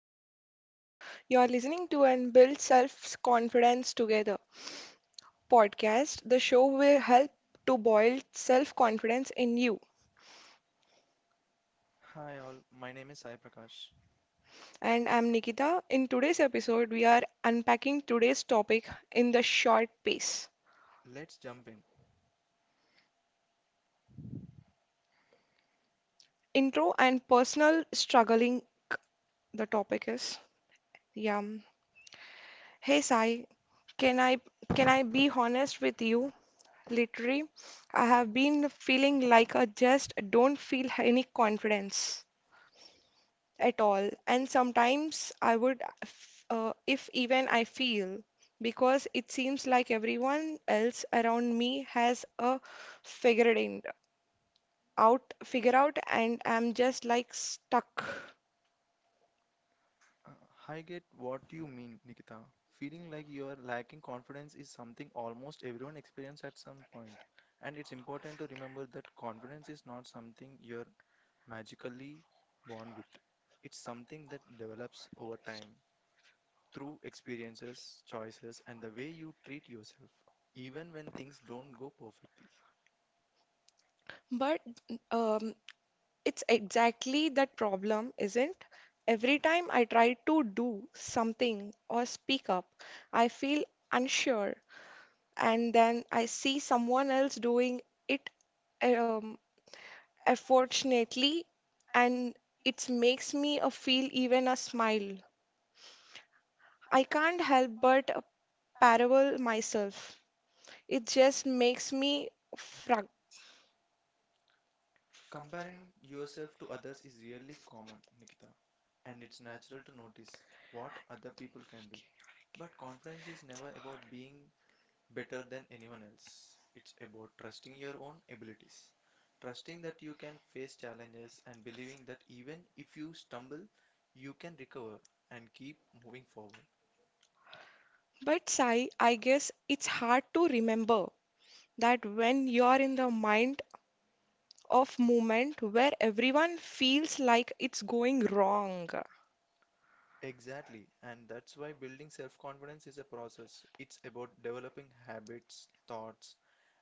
This is Nikita. You're listening to and build self-confidence together podcast, the show will help to build self-confidence in you. Hi all, my name is Sai Prakash. And I'm Nikita. In today's episode, we are unpacking today's topic in the short pace. Let's jump in. Intro and personal struggling the topic is. Yeah. Mm. Hey Sai, can I can I be honest with you? Literally, I have been feeling like I just don't feel any confidence at all. And sometimes I would, if even I feel, because it seems like everyone else around me has a figured in, out, figure out, and I'm just like stuck. Uh, I get what you mean, Nikita. Feeling like you are lacking confidence is something almost everyone experiences at some point. And it's important to remember that confidence is not something you're magically born with. It's something that develops over time through experiences, choices, and the way you treat yourself, even when things don't go perfectly. But um, it's exactly that problem, isn't? Every time I try to do something or speak up, I feel unsure and then I see someone else doing it um, unfortunately, and it makes me a feel even a smile. I can't help but parable myself. It just makes me frog. Comparing yourself to others is really common, Nikita, and it's natural to notice what other people can do. But confidence is never about being better than anyone else. It's about trusting your own abilities, trusting that you can face challenges, and believing that even if you stumble, you can recover and keep moving forward. But Sai, I guess it's hard to remember that when you're in the mind of moment where everyone feels like it's going wrong. Exactly, and that's why building self-confidence is a process. It's about developing habits, thoughts,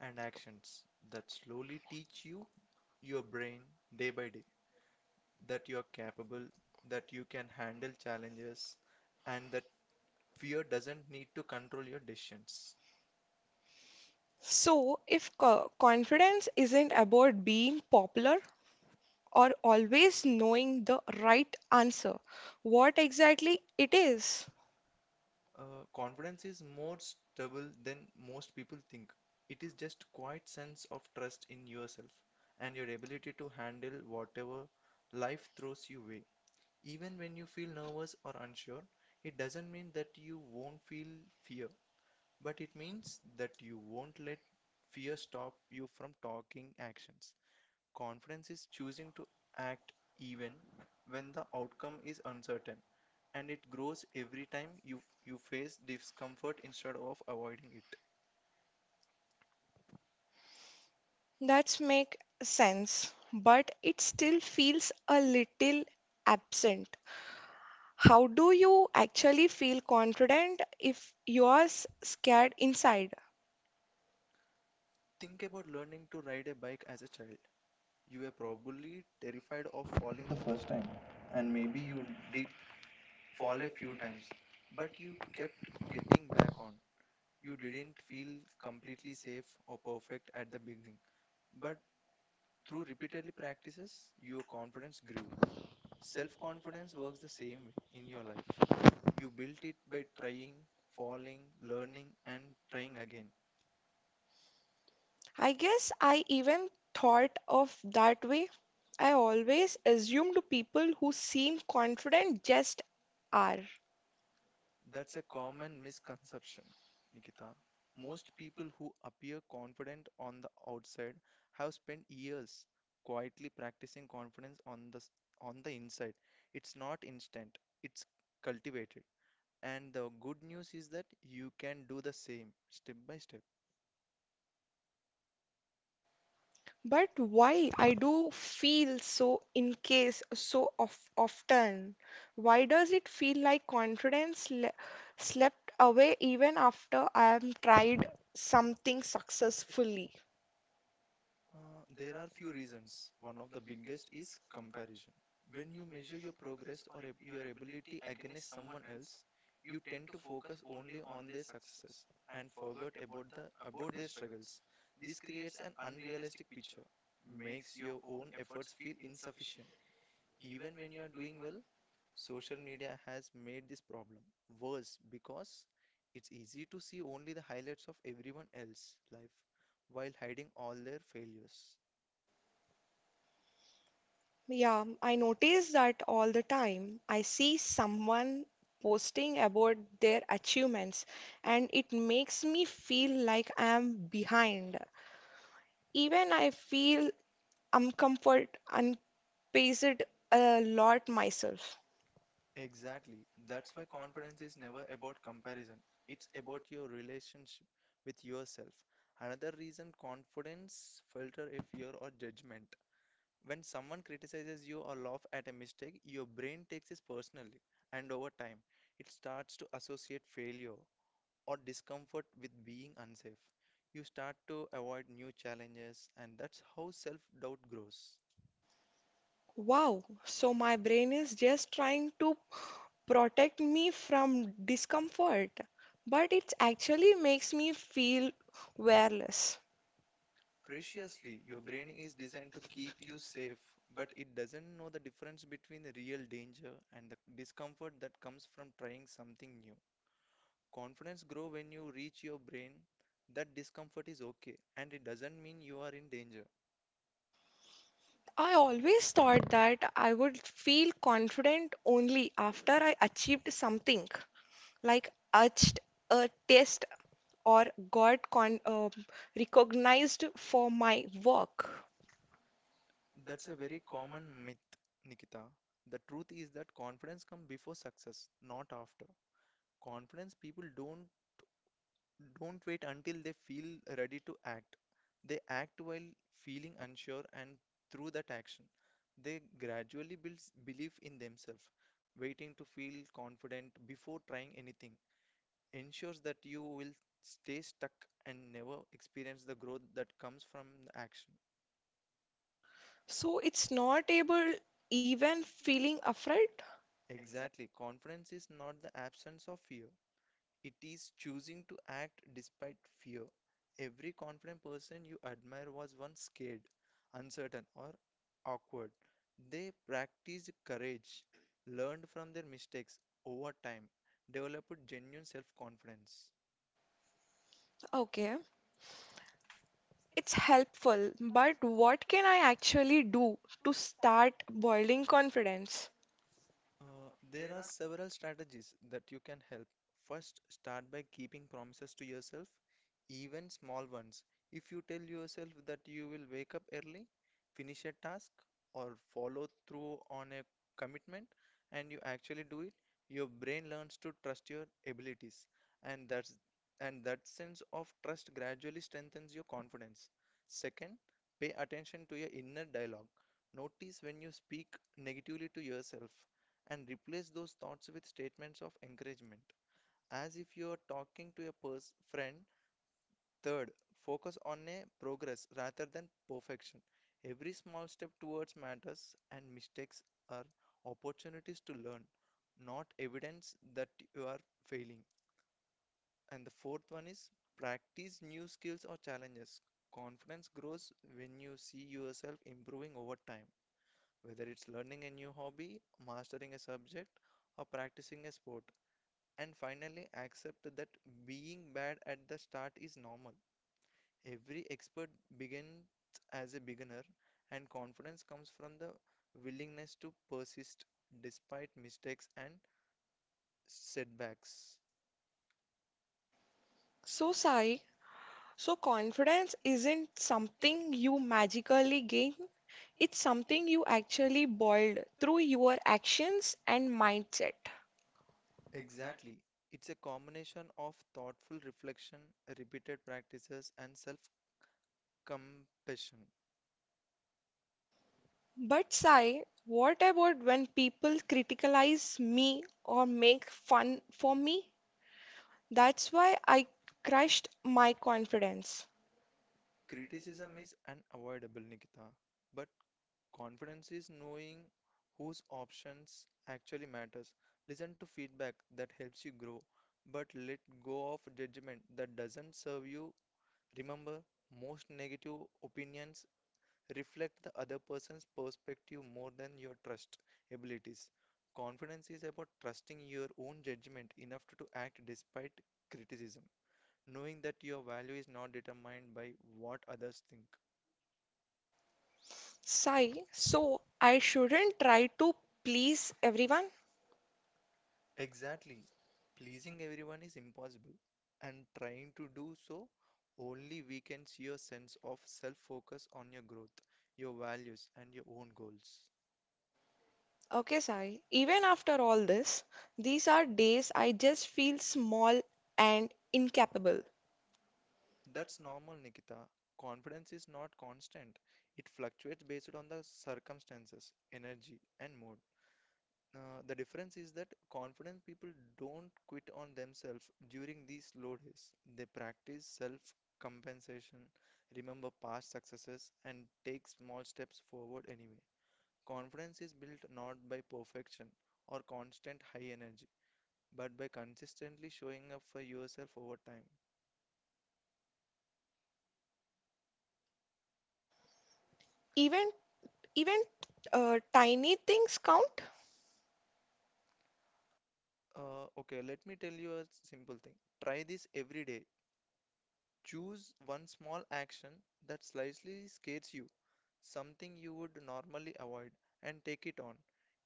and actions that slowly teach you, your brain, day by day, that you are capable, that you can handle challenges, and that fear doesn't need to control your decisions. So, if confidence isn't about being popular, or always knowing the right answer, what exactly it is? Confidence is more stable than most people think. It is just quiet sense of trust in yourself and your ability to handle whatever life throws you way. Even when you feel nervous or unsure, it doesn't mean that you won't feel fear, but it means that you won't let fear stop you from taking actions. Confidence is choosing to act even when the outcome is uncertain, and it grows every time you face discomfort instead of avoiding it. That's make sense, but it still feels a little absent. How do you actually feel confident if you're scared inside? Think about learning to ride a bike as a child. You were probably terrified of falling the first time, and maybe you did fall a few times, but you kept getting back on. You didn't feel completely safe or perfect at the beginning, but through repeatedly practices, your confidence grew. Self confidence works the same way in your life. You built it by trying, falling, learning, and trying again. I guess I even thought of that way. I always assumed people who seem confident just are. That's a common misconception, Nikita. Most people who appear confident on the outside have spent years quietly practicing confidence on on the inside. It's not instant, it's cultivated. And the good news is that you can do the same step by step. But why I do feel so in case so of, often? Why does it feel like confidence le slept away even after I have tried something successfully? Uh, there are few reasons. One of the biggest is comparison. When you measure your progress or your ability against someone else, you tend to focus only on their successes and forget about the about their struggles. This creates an unrealistic picture, makes your own efforts feel insufficient, even when you are doing well. Social media has made this problem worse because it's easy to see only the highlights of everyone else's life while hiding all their failures. Yeah, I notice that all the time. I see someone posting about their achievements and it makes me feel like I am behind. Even I feel uncomfort, unpaced a lot myself. Exactly. That's why confidence is never about comparison. It's about your relationship with yourself. Another reason confidence filter a fear or judgment. When someone criticizes you or laugh at a mistake, your brain takes it personally, and over time, it starts to associate failure or discomfort with being unsafe. You start to avoid new challenges, and that's how self-doubt grows. Wow, so my brain is just trying to protect me from discomfort, but it actually makes me feel wearless. Preciously, your brain is designed to keep you safe, but it doesn't know the difference between the real danger and the discomfort that comes from trying something new. Confidence grow when you reach your brain that discomfort is okay and it doesn't mean you are in danger. I always thought that I would feel confident only after I achieved something, like etched a test or got con recognized for my work. That's a very common myth, Nikita. The truth is that confidence comes before success, not after. Confidence people don't wait until they feel ready to act. They act while feeling unsure, and through that action, they gradually build belief in themselves. Waiting to feel confident before trying anything ensures that you will stay stuck and never experience the growth that comes from the action. So it's not able even feeling afraid? Exactly, confidence is not the absence of fear, it is choosing to act despite fear. Every confident person you admire was once scared, uncertain, or awkward. They practiced courage, learned from their mistakes over time, developed genuine self confidence. Okay. It's helpful, but what can I actually do to start building confidence? There are several strategies that you can help. First, start by keeping promises to yourself, even small ones. If you tell yourself that you will wake up early, finish a task, or follow through on a commitment, and you actually do it, your brain learns to trust your abilities, and that sense of trust gradually strengthens your confidence. Second, pay attention to your inner dialogue. Notice when you speak negatively to yourself and replace those thoughts with statements of encouragement as if you are talking to a friend. Third, focus on a progress rather than perfection. Every small step towards matters and mistakes are opportunities to learn, not evidence that you are failing. And the fourth one is practice new skills or challenges. Confidence grows when you see yourself improving over time, whether it's learning a new hobby, mastering a subject, or practicing a sport. And finally accept that being bad at the start is normal. Every expert begins as a beginner, and confidence comes from the willingness to persist despite mistakes and setbacks. So, Sai, so confidence isn't something you magically gain, it's something you actually build through your actions and mindset. Exactly. It's a combination of thoughtful reflection, repeated practices, and self compassion. But, Sai, what about when people criticize me or make fun for me? That's why I crushed my confidence. Criticism is unavoidable, Nikita, but confidence is knowing whose options actually matters. Listen to feedback that helps you grow, but let go of judgment that doesn't serve you. Remember, most negative opinions reflect the other person's perspective more than your trust abilities. Confidence is about trusting your own judgment enough to act despite criticism, knowing that your value is not determined by what others think. Sai, so I shouldn't try to please everyone? Exactly. Pleasing everyone is impossible, and trying to do so only weakens your sense of self focus on your growth, your values, and your own goals. Okay, Sai, even after all this, these are days I just feel small and incapable. That's normal, Nikita. Confidence is not constant, it fluctuates based on the circumstances, energy, and mood. The difference is that confident people don't quit on themselves during these slow days. They practice self compensation, remember past successes, and take small steps forward anyway. Confidence is built not by perfection or constant high energy, but by consistently showing up for yourself over time. Even even tiny things count. Okay, let me tell you a simple thing. Try this every day. Choose one small action that slightly scares you, something you would normally avoid, and take it on.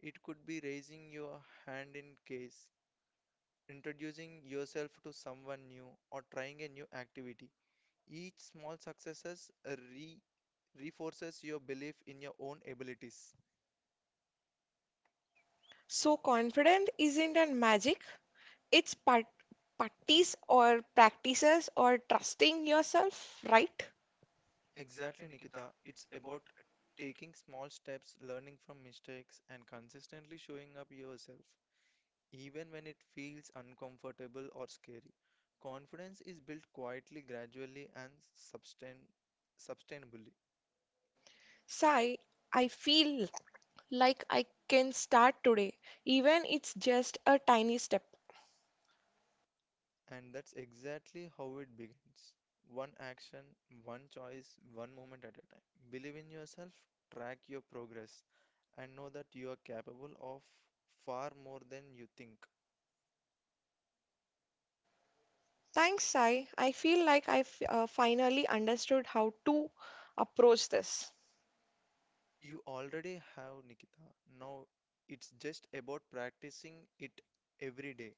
It could be raising your hand in case, introducing yourself to someone new, or trying a new activity. Each small successes reinforces your belief in your own abilities. So confidence isn't a magic, it's part practice or practices or trusting yourself, right? Exactly, Nikita. It's about taking small steps, learning from mistakes, and consistently showing up yourself. Even when it feels uncomfortable or scary. Confidence is built quietly, gradually, and sustainably. Sai, I feel like I can start today, even it's just a tiny step. And that's exactly how it begins. One action, one choice, one moment at a time. Believe in yourself, track your progress, and know that you are capable of far more than you think. Thanks, Sai. I feel like I finally understood how to approach this. You already have Nikita. Now it's just about practicing it every day.